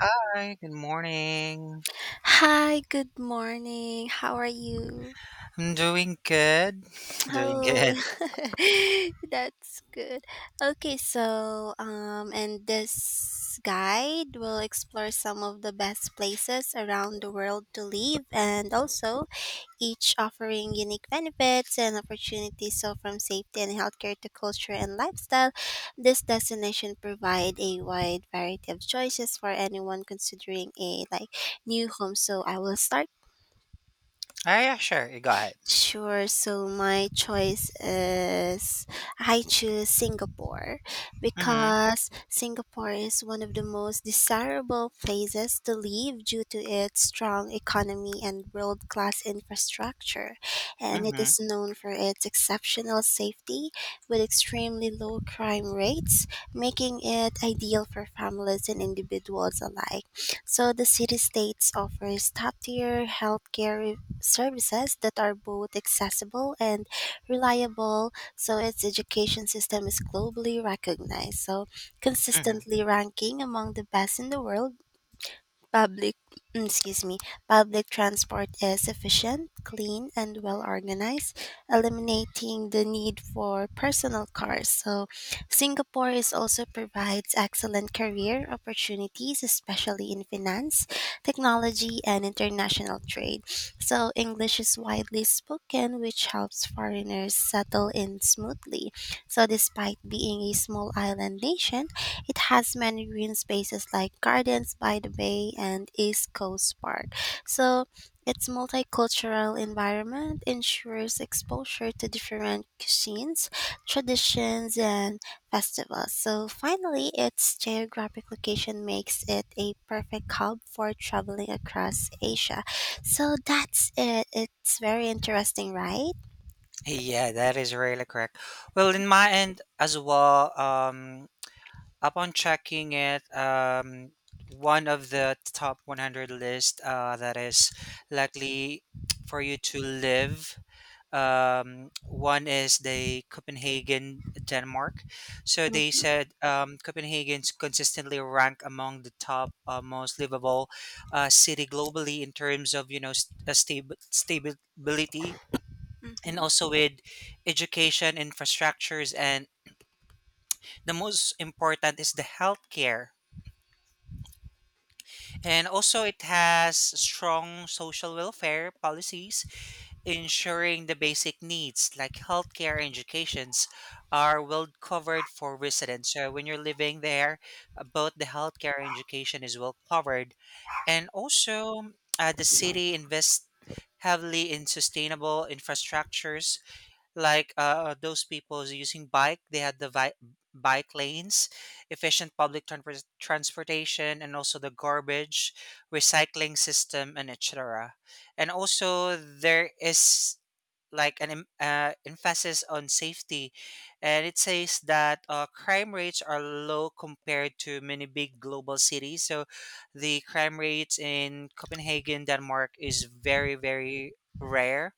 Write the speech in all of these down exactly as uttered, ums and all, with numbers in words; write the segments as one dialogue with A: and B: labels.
A: Hi, good morning.
B: Hi, good morning. How are you?
A: I'm doing good. Doing
B: Oh,
A: good.
B: that's good. Okay, so um, and this guide will explore some of the best places around the world to live, and also each offering unique benefits and opportunities. So, from safety and healthcare to culture and lifestyle, this destination provide a wide variety of choices for anyone considering a like new home. So, I will start.
A: Oh, yeah, sure. You go ahead.
B: Sure. So my choice is I choose Singapore
A: Mm-hmm.
B: because Singapore is one of the most desirable places to live due to its strong economy and world class infrastructure. And it
A: Mm-hmm.
B: is known for its exceptional safety with extremely low crime rates, making it ideal for families and individuals alike. So the city states offers top tier healthcare services that are both accessible and reliable. So its education system is globally recognized. So
A: Mm-hmm.
B: consistently ranking among the best in the world. Public, excuse me, public transport is efficient, clean, and well organized, eliminating the need for personal cars. So, Singapore is also provides excellent career opportunities, especially in finance, technology, and international trade. So, English is widely spoken, which helps foreigners settle in smoothly. So, despite being a small island nation, it has many green spaces like Gardens by the Bay and East Coast Park. So, its multicultural environment ensures exposure to different cuisines, traditions, and festivals. So, finally, its geographic location makes it a perfect hub for traveling across Asia. So, that's it. It's very interesting, right?
A: Yeah, that is really correct. Well, in my end as well, um, upon checking it, um, one of the top one hundred list uh, that is likely for you to live. Um, one is the Copenhagen, Denmark. So they
B: Mm-hmm.
A: said um, Copenhagen's consistently ranked among the top uh, most livable uh, city globally in terms of you know st- uh, stab- stability, and
B: Mm-hmm.
A: also with education infrastructures, and the most important is the healthcare, and also it has strong social welfare policies ensuring the basic needs like healthcare and educations are well covered for residents. So when you're living there, uh, both the healthcare and education is well covered, and also uh, the city invests heavily in sustainable infrastructures like uh, those people who's using bike, they had the vi- bike lanes, efficient public transpor- transportation, and also the garbage recycling system and etc, and also there is like an em- uh, emphasis on safety, and it says that uh, crime rates are low compared to many big global cities. So the crime rates in Copenhagen, Denmark, is very very rare,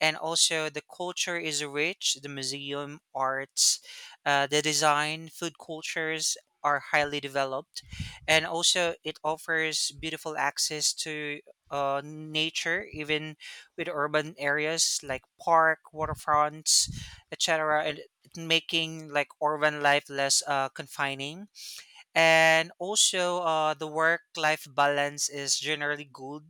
A: and also the culture is rich, the museum arts, uh, the design, food cultures are highly developed, and also it offers beautiful access to uh, nature even, with urban areas like park, waterfronts, etc., and making like urban life less uh, confining, and also uh, the work life balance is generally good.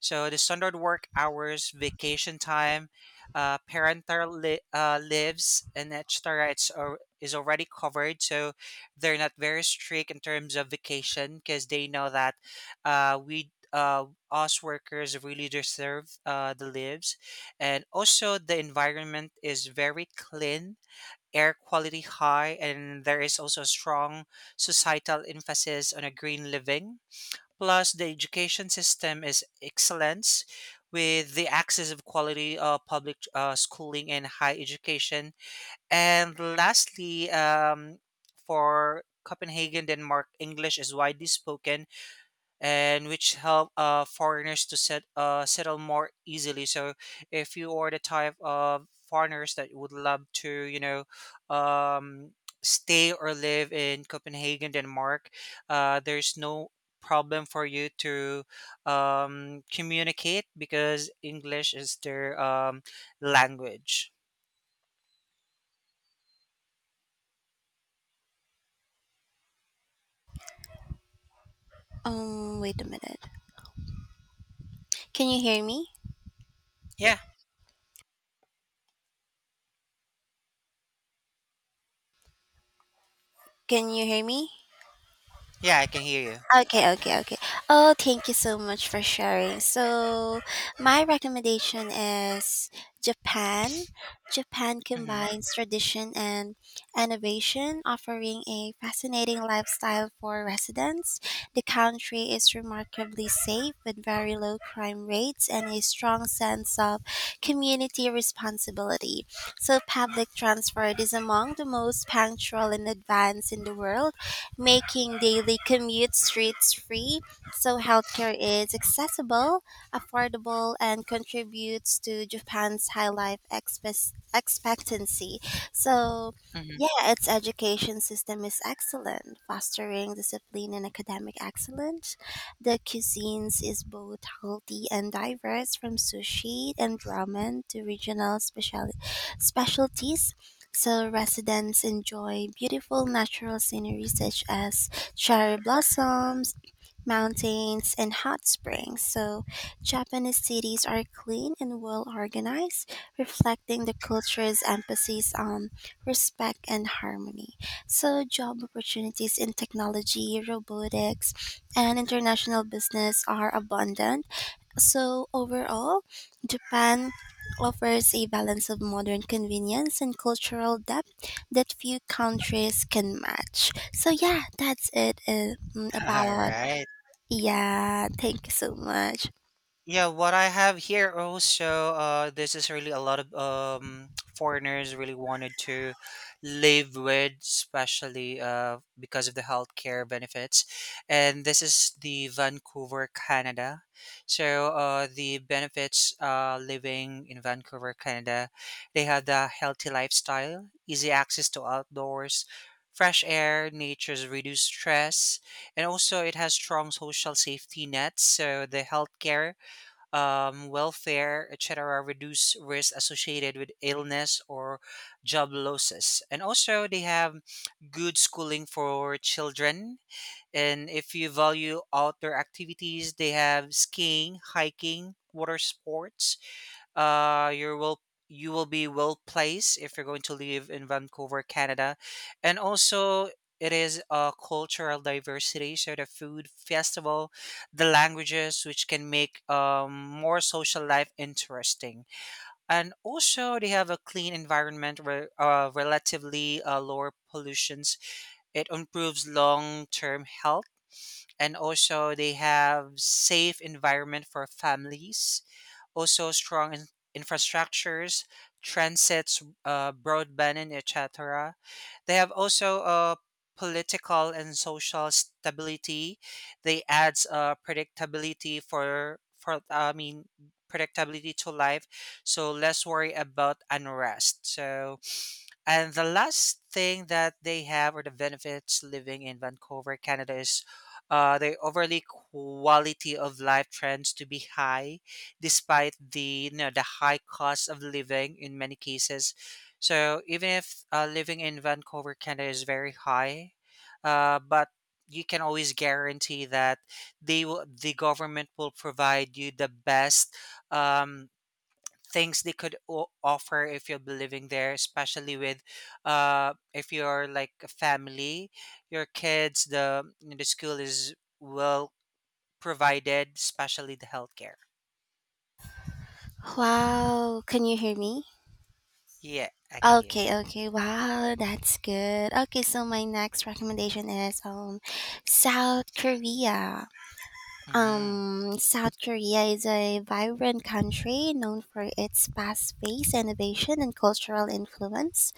A: So the standard work hours, vacation time, uh, parental li- uh, lives, and etc., it's al- is already covered. So they're not very strict in terms of vacation because they know that uh, we uh, us workers really deserve uh, the lives. And also the environment is very clean, air quality high, and there is also a strong societal emphasis on a green living. Plus, the education system is excellence, with the access of quality uh, public uh, schooling and high education. And lastly, um, for Copenhagen, Denmark, English is widely spoken, and which help uh, foreigners to set, uh, settle more easily. So if you are the type of foreigners that would love to, you know, um, stay or live in Copenhagen, Denmark, uh, there's no problem for you to um, communicate, because English is their um, language.
B: Um, wait a minute. Can you hear me?
A: Yeah,
B: Can you hear me?
A: yeah, I can hear you.
B: Okay, okay, okay. Oh, thank you so much for sharing. So, my recommendation is Japan. Japan
A: Mm-hmm.
B: combines tradition and innovation, offering a fascinating lifestyle for residents. The country is remarkably safe with very low crime rates and a strong sense of community responsibility. So, public transport is among the most punctual and advanced in the world, making daily commute streets free. So healthcare is accessible, affordable, and contributes to Japan's high life expe- expectancy. So,
A: Mm-hmm.
B: yeah, its education system is excellent, fostering discipline and academic excellence. The cuisines is both healthy and diverse, from sushi and ramen to regional special specialties. So residents enjoy beautiful natural scenery such as cherry blossoms, mountains, and hot springs. So Japanese cities are clean and well organized, reflecting the culture's emphasis on respect and harmony. So job opportunities in technology, robotics, and international business are abundant, so, overall, Japan offers a balance of modern convenience and cultural depth that few countries can match. So, yeah, that's it uh, mm,
A: All
B: about.
A: right.
B: Yeah, thank you so much.
A: Yeah, what I have here also, uh, this is really a lot of um, foreigners really wanted to live with, especially uh, because of the healthcare benefits. And this is the Vancouver, Canada. So uh, the benefits uh, living in Vancouver, Canada, they have the healthy lifestyle, easy access to outdoors, fresh air, nature's reduced stress, and also it has strong social safety nets. So the healthcare, um, welfare, et cetera, reduce risk associated with illness or job losses. And also, they have good schooling for children. And if you value outdoor activities, they have skiing, hiking, water sports, uh you're well you will be well placed if you're going to live in Vancouver, Canada. And also it is a cultural diversity, so the food festival, the languages, which can make um more social life interesting. And also they have a clean environment where uh, relatively uh, lower pollutions. It improves long-term health, and also they have safe environment for families, also, strong in- infrastructures, transits, uh, broadband, and et cetera. They have also uh, political and social stability. They adds uh, predictability for for I mean predictability to life, so less worry about unrest. So, and the last thing that they have, or the benefits living in Vancouver, Canada, is uh, the overly quality of life trends to be high, despite the you know, the high cost of living in many cases. So even if uh, living in Vancouver, Canada, is very high, uh, but you can always guarantee that they will, the government will provide you the best um, things they could o- offer if you'll be living there, especially with uh if you're like a family, your kids, the the school is well provided, especially the healthcare.
B: Wow, can you hear me?
A: Yeah, I can hear.
B: Okay, okay. Wow, that's good. Okay, so my next recommendation is um South Korea.
A: Mm-hmm.
B: Um, South Korea is a vibrant country known for its fast-paced innovation and cultural influence.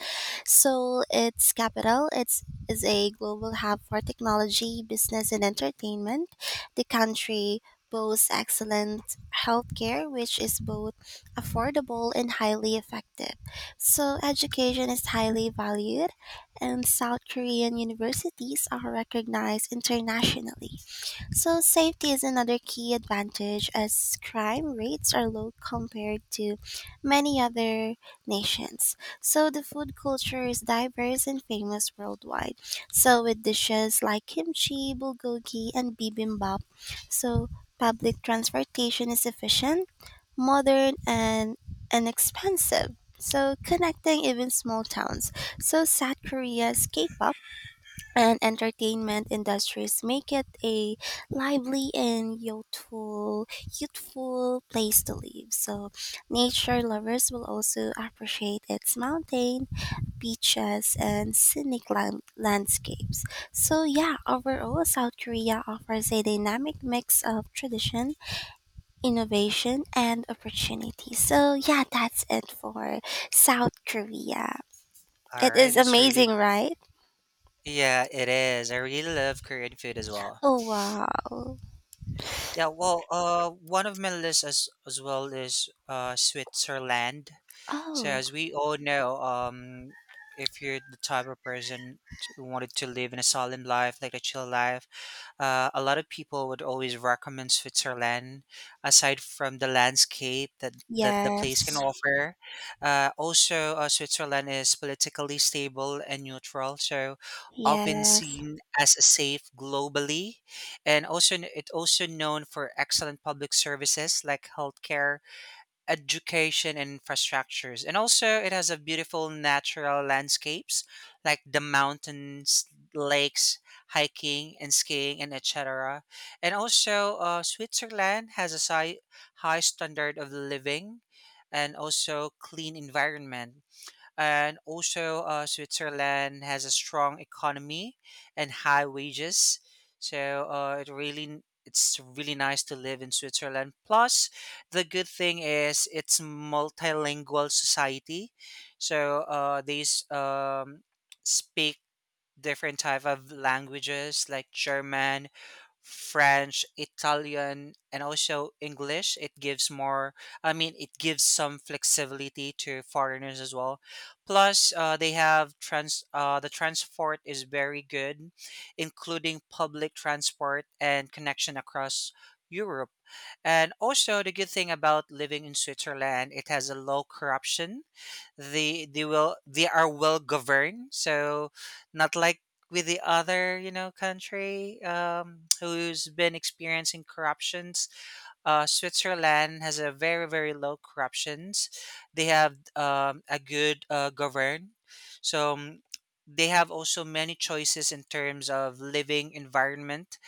B: Seoul, its capital, it's, is a global hub for technology, business, and entertainment. The country boasts excellent healthcare, which is both affordable and highly effective. So, education is highly valued, and South Korean universities are recognized internationally. So, safety is another key advantage as crime rates are low compared to many other nations. So, the food culture is diverse and famous worldwide. So, with dishes like kimchi, bulgogi, and bibimbap, so public transportation is efficient, modern, and inexpensive. So, connecting even small towns. So, South Korea's K pop and entertainment industries make it a lively and youthful youthful place to live. So nature lovers will also appreciate its mountain beaches and scenic land- landscapes. So yeah, overall, South Korea offers a dynamic mix of tradition, innovation, and opportunity. So yeah, that's it for South Korea.
A: All
B: It
A: right,
B: is
A: that's
B: amazing,
A: really.
B: right?
A: Yeah, it is, I really love Korean food as well.
B: Oh wow.
A: Yeah, well, uh one of my lists as, as well is uh Switzerland. So
B: Oh.
A: as we all know, um, if you're the type of person t- who wanted to live in a solemn life, like a chill life, uh, a lot of people would always recommend Switzerland. Aside from the landscape that, that the place can
B: Yes.
A: offer, uh, also uh, Switzerland is politically stable and neutral, so often
B: Yes.
A: seen as a safe globally, and also it also known for excellent public services like healthcare, education, and infrastructures. And also, it has a beautiful natural landscapes like the mountains, lakes, hiking and skiing, and et cetera. And also, uh, Switzerland has a si- high standard of living, and also clean environment, and also uh, Switzerland has a strong economy and high wages. So uh, it really it's really nice to live in Switzerland. Plus, the good thing is it's multilingual society, so uh, these um, speak different type of languages like German, French, Italian, and also English. It gives more, I mean, it gives some flexibility to foreigners as well. Plus, uh, they have trans, uh, the transport is very good, including public transport and connection across Europe. And also, the good thing about living in Switzerland, it has a low corruption. They they will they are well governed, so not like with the other you know country um, who's been experiencing corruptions. uh, Switzerland has a very very low corruptions. They have um, a good uh, govern, so mm, they have also many choices in terms of living environment,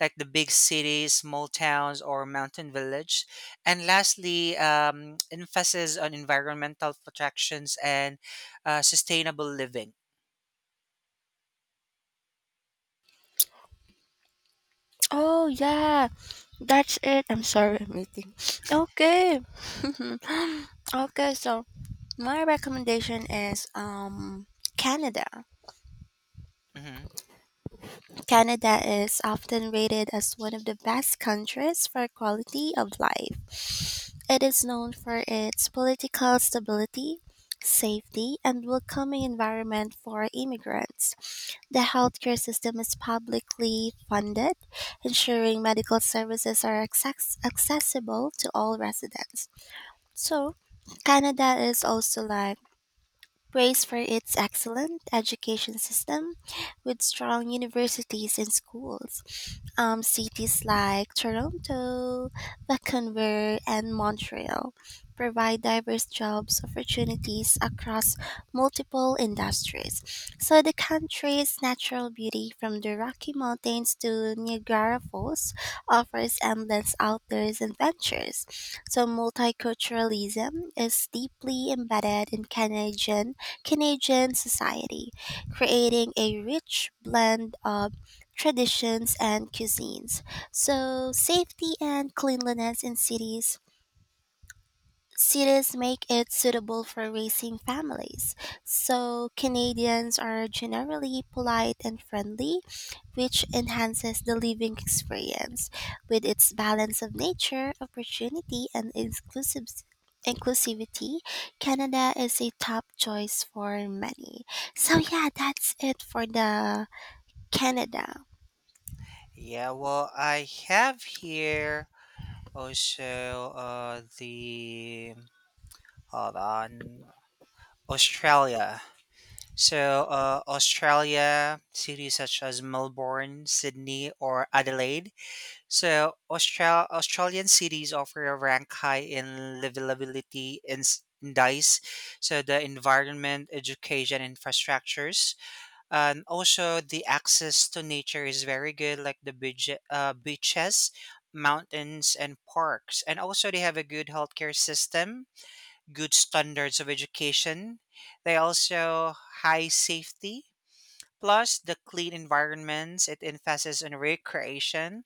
A: like the big cities, small towns, or mountain village. And lastly, um, emphasis on environmental protections and uh, sustainable living.
B: Oh, yeah. That's it. I'm sorry, I'm eating. Okay. okay, so my recommendation is um Canada.
A: Mhm.
B: Canada is often rated as one of the best countries for quality of life. It is known for its political stability, safety, and welcoming environment for immigrants. The healthcare system is publicly funded, ensuring medical services are access- accessible to all residents. So, Canada is also like praised for its excellent education system with strong universities and schools. Um, cities like Toronto, Vancouver, and Montreal provide diverse jobs opportunities across multiple industries. So the country's natural beauty from the Rocky Mountains to Niagara Falls offers endless outdoors adventures. So multiculturalism is deeply embedded in Canadian Canadian society, creating a rich blend of traditions and cuisines. So, safety and cleanliness in cities cities make it suitable for raising families, so Canadians are generally polite and friendly, which enhances the living experience. With its balance of nature, opportunity, and inclusive inclusivity, Canada is a top choice for many. So yeah, that's it for the Canada.
A: Yeah, well, I have here also uh, the hold on Australia. So, uh, Australia, cities such as Melbourne, Sydney, or Adelaide. So, Austral- Australian cities offer a rank high in livability in s- indice. So, the environment, education, infrastructures, and also the access to nature is very good, like the beach, uh, beaches, mountains, and parks. And also, they have a good healthcare system, good standards of education. They also high safety, plus the clean environments. It emphasizes on recreation,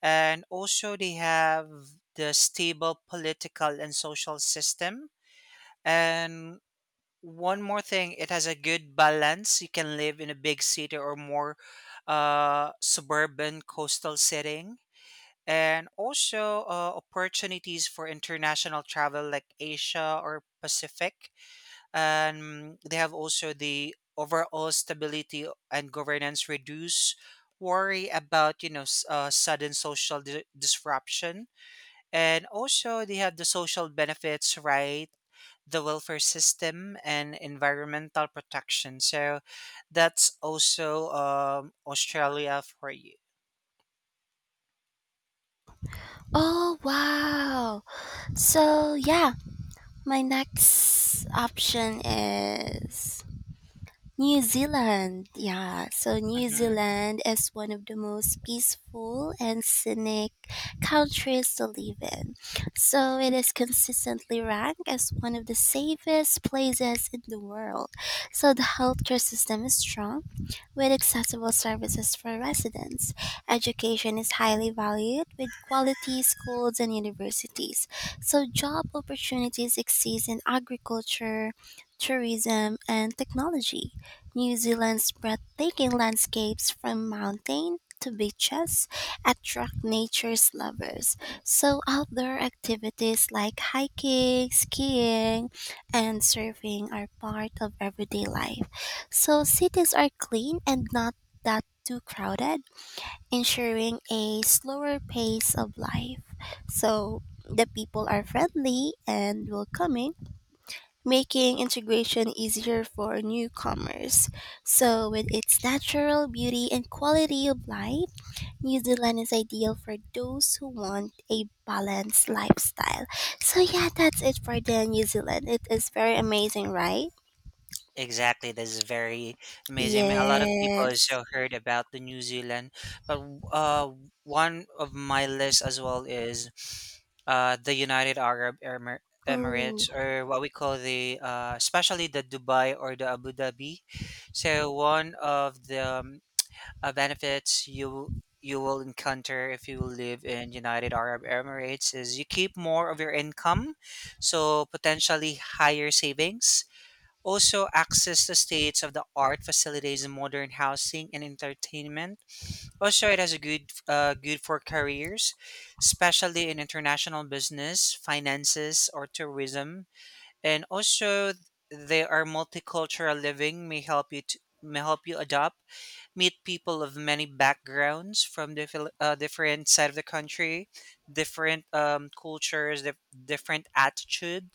A: and also they have the stable political and social system. And one more thing, it has a good balance. You can live in a big city or more uh, suburban coastal setting. And also uh, opportunities for international travel like Asia or Pacific, and they have also the overall stability and governance reduce worry about you know s- uh, sudden social di- disruption, and also they have the social benefits, right, the welfare system and environmental protection. So that's also um, Australia for you.
B: Oh wow. So yeah, my next option is New Zealand, yeah. So New
A: Mm-hmm.
B: Zealand is one of the most peaceful and scenic countries to live in. So it is consistently ranked as one of the safest places in the world. So the healthcare system is strong with accessible services for residents. Education is highly valued with quality schools and universities. So job opportunities exist in agriculture, tourism, and technology. New Zealand's breathtaking landscapes from mountain to beaches attract nature's lovers. So outdoor activities like hiking, skiing, and surfing are part of everyday life. So cities are clean and not that too crowded, ensuring a slower pace of life. So the people are friendly and welcoming, making integration easier for newcomers. So with its natural beauty and quality of life, New Zealand is ideal for those who want a balanced lifestyle. So yeah, that's it for the New Zealand. It is very amazing, right?
A: Exactly, that's very amazing. I mean, a lot of people
B: Yes.
A: also heard about the New Zealand, but uh, one of my list as well is uh, the United Arab Emir-
B: Oh.
A: Emirates, or what we call the, uh, especially the Dubai or the Abu Dhabi. So one of the um, uh, benefits you you will encounter if you live in United Arab Emirates is you keep more of your income, so potentially higher savings, also, access to states of the art facilitates modern housing and entertainment. Also, it has a good, uh, good for careers, especially in international business, finances, or tourism. And also, they are multicultural living may help you to, may help you adopt, meet people of many backgrounds from different uh, different side of the country, different um, cultures, dif- different attitude,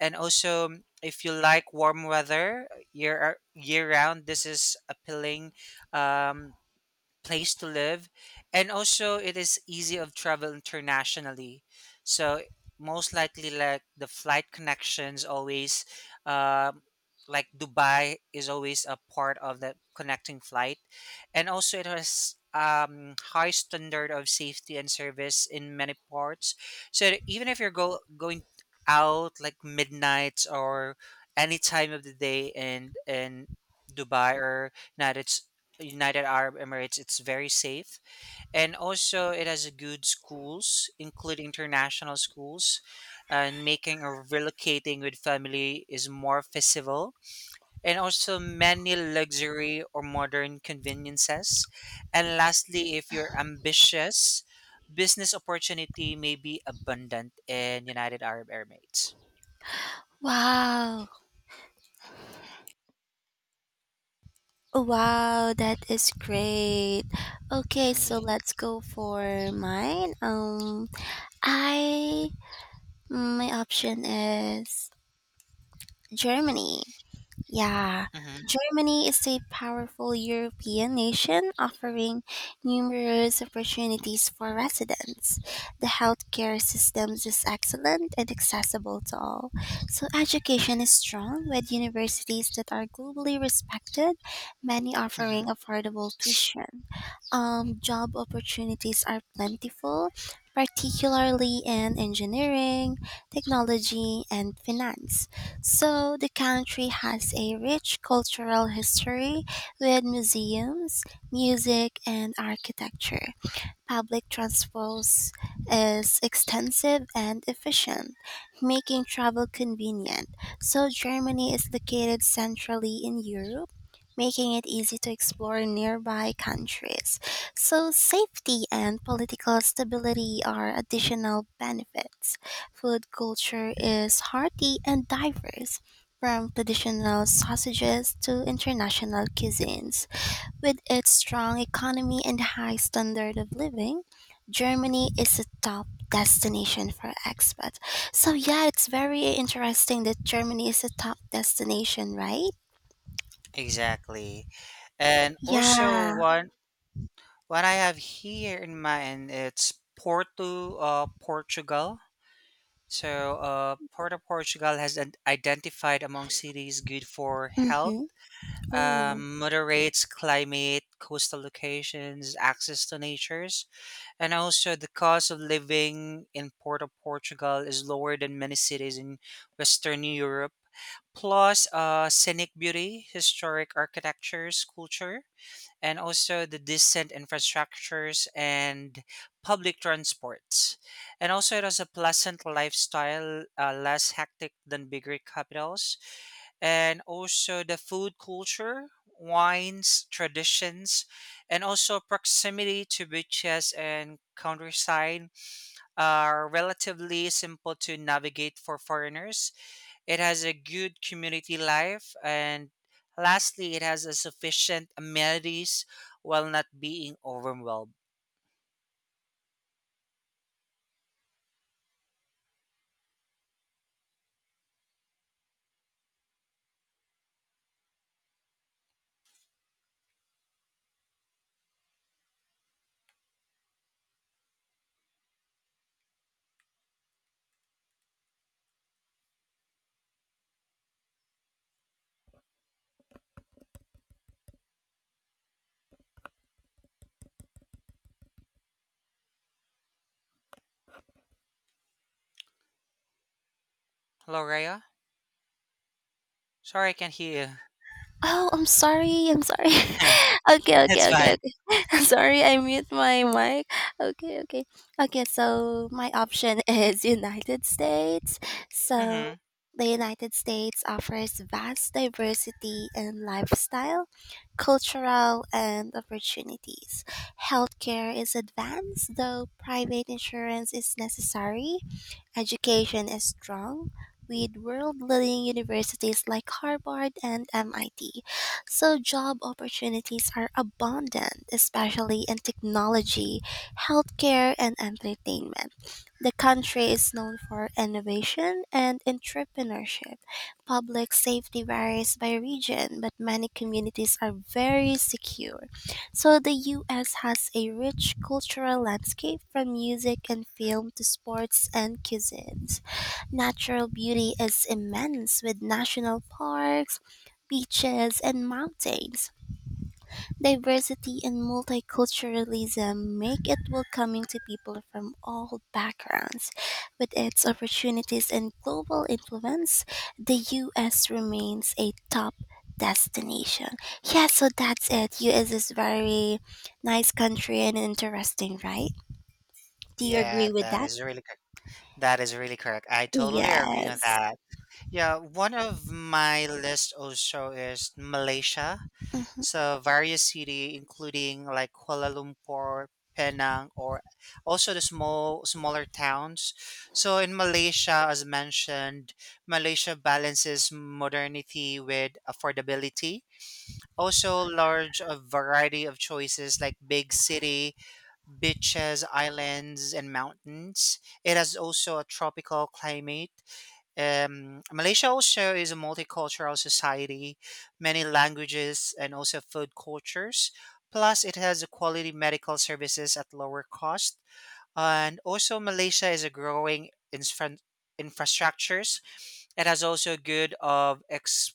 A: and also um, if you like warm weather year year round, this is appealing. Um, place to live, and also it is easy of travel internationally. So most likely like the flight connections always, um, like Dubai is always a part of the connecting flight, and also it has um, high standard of safety and service in many parts, so that even if you're go- going out like midnight or any time of the day, in in Dubai or united United Arab Emirates, it's very safe. And also, it has a good schools, including international schools. And making or relocating with family is more feasible. And also, many luxury or modern conveniences. And lastly, if you're ambitious, business opportunity may be abundant in United Arab Emirates.
B: Wow. Oh, wow, that is great. Okay, so
A: Yeah.
B: let's go for mine. Um I My option is Germany. Yeah,
A: Hmm.
B: Germany is a powerful European nation offering numerous opportunities for residents. The healthcare system is excellent and accessible to all. So, education is strong with universities that are globally respected, many
A: Hmm.
B: offering affordable tuition. Um, job opportunities are plentiful, particularly in engineering, technology, and finance. So, the country has a rich cultural history with museums, music, and architecture. Public transport is extensive and efficient, making travel convenient. So, Germany is located centrally in Europe, making it easy to explore nearby countries. So, safety and political stability are additional benefits. Food culture is hearty and diverse, from traditional sausages to international cuisines. With its strong economy and high standard of living, Germany is a top destination for expats. So, yeah, it's very interesting that Germany is a top destination, right?
A: Exactly. And also,
B: Yeah.
A: one. What I have here in mind, it's Porto, uh, Portugal. So, uh, Porto, Portugal has an- identified among cities good for health,
B: Mm-hmm. Oh.
A: um, moderates climate, coastal locations, access to natures, and also the cost of living in Porto, Portugal is lower than many cities in Western Europe. Plus, uh, scenic beauty, historic architectures, culture, and also the decent infrastructures and public transports. And also, it has a pleasant lifestyle, uh, less hectic than bigger capitals. And also, the food culture, wines, traditions, and also proximity to beaches and countryside are relatively simple to navigate for foreigners. It has a good community life, and lastly, it has a sufficient amenities while not being overwhelmed. Hello, Raya? Sorry, I can't hear
B: Oh, I'm sorry. I'm sorry.
A: you.
B: okay, okay,
A: It's
B: okay,
A: fine.
B: okay. I'm sorry, I mute my mic. Okay, okay. Okay, so my option is United States.
A: Mm-hmm.
B: So the United States offers vast diversity in lifestyle, cultural, and opportunities. Healthcare is advanced, though private insurance is necessary. Education is strong with world-leading universities like Harvard and M I T. So job opportunities are abundant, especially in technology, healthcare, and entertainment. The country is known for innovation and entrepreneurship. Public safety varies by region, but many communities are very secure. So the U S has a rich cultural landscape from music and film to sports and cuisines. Natural beauty is immense with national parks, beaches, and mountains. Diversity and multiculturalism make it welcoming to people from all backgrounds. With its opportunities and global influence, the U S remains a top destination. Yeah, so that's it. U S is very nice country and interesting, right? Do you agree
A: Yeah,
B: with
A: that
B: that?
A: is really correct. That is really correct. I totally agree on
B: Yes.
A: that. Yeah, one of my list also is Malaysia.
B: Mm-hmm.
A: So various city, including like Kuala Lumpur, Penang, or also the small smaller towns. So in Malaysia, as mentioned, Malaysia balances modernity with affordability. Also, large a variety of choices like big city, beaches, islands, and mountains. It has also a tropical climate. um, Malaysia also is a multicultural society, many languages and also food cultures. Plus, it has quality medical services at lower cost. And also, Malaysia is a growing infra- infrastructures. It has also good of ex-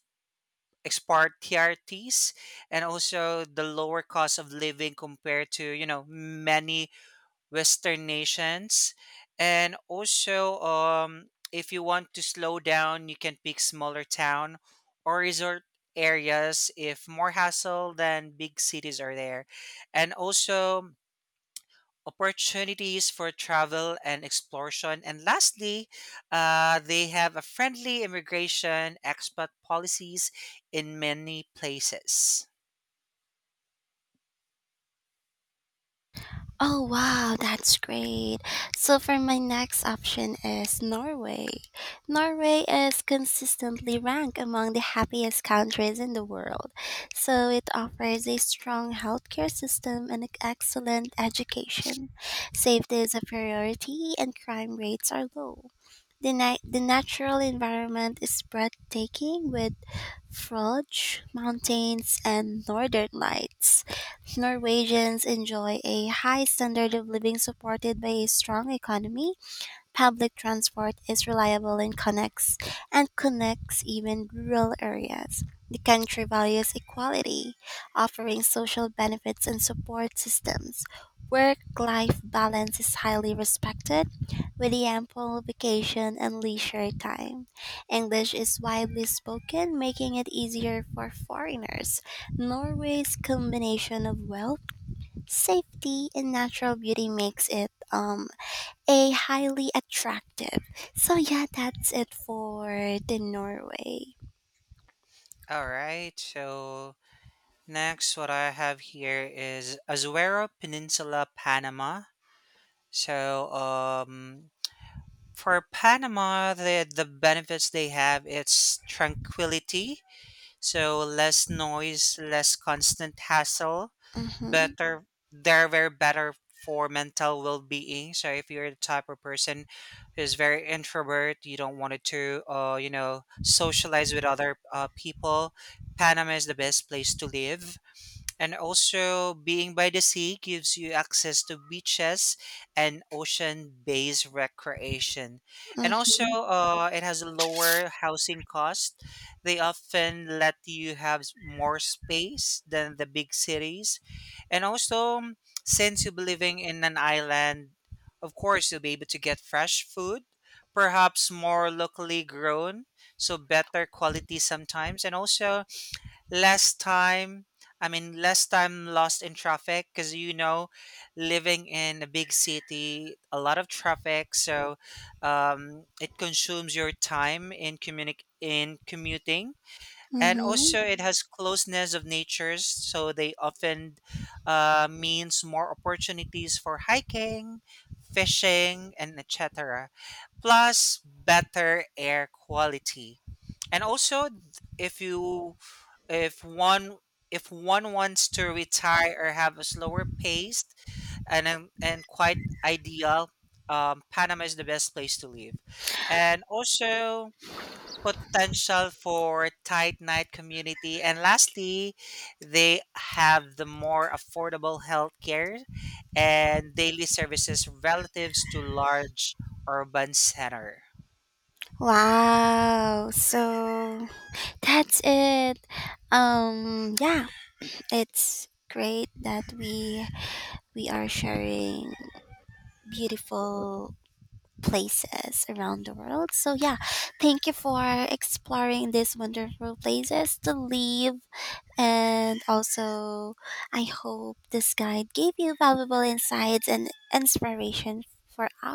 A: export T R Ts, and also the lower cost of living compared to you know many Western nations. And also, um, if you want to slow down, you can pick smaller town or resort areas if more hassle than big cities are there. And also, opportunities for travel and exploration. And lastly, uh, they have a friendly immigration expat policies in many places.
B: Oh wow, that's great. So for my next option is Norway. Norway is consistently ranked among the happiest countries in the world. So it offers a strong healthcare system and excellent education. Safety is a priority and crime rates are low. The, na- the natural environment is breathtaking with Frogj Mountains, and Northern Lights. Norwegians enjoy a high standard of living supported by a strong economy. Public transport is reliable and connects, and connects even rural areas. The country values equality, offering social benefits and support systems. Work life balance is highly respected, with the ample vacation and leisure time. English is widely spoken, making it easier for foreigners. Norway's combination of wealth, safety, and natural beauty makes it um, a highly attractive. So yeah, that's it for the Norway.
A: All right, so next, what I have here is Azuero Peninsula, Panama. So, um, for Panama, the the benefits they have it's tranquility, so less noise, less constant hassle,
B: Mhm.
A: better. They're very better for mental well being. So, if you're the type of person who's very introvert, you don't want to, uh, you know, socialize with other uh, people. Panama is the best place to live, and also, being by the sea gives you access to beaches and ocean based recreation. And also,
B: Mhm.
A: uh, it has a lower housing cost. They often let you have s- more space than the big cities. And also, mm, since you'll be living in an island, of course, you'll be able to get fresh food, perhaps more locally grown, so better quality sometimes. And also, less time i mean less time lost in traffic, because you know, living in a big city a lot of traffic, so um, it consumes your time in communi- in commuting, and
B: Mhm.
A: also it has closeness of natures, so they often uh, means more opportunities for hiking, fishing, and etc., plus better air quality. And also, if you if one if one wants to retire or have a slower pace, and and, and quite ideal, um, Panama is the best place to live. And also, potential for tight knit community, and lastly, they have the more affordable healthcare and daily services relatives to large urban center.
B: Wow. So that's it. Um yeah, it's great that we we are sharing beautiful places around the world. So yeah, thank you for exploring these wonderful places to live. And also, I hope this guide gave you valuable insights and inspiration for our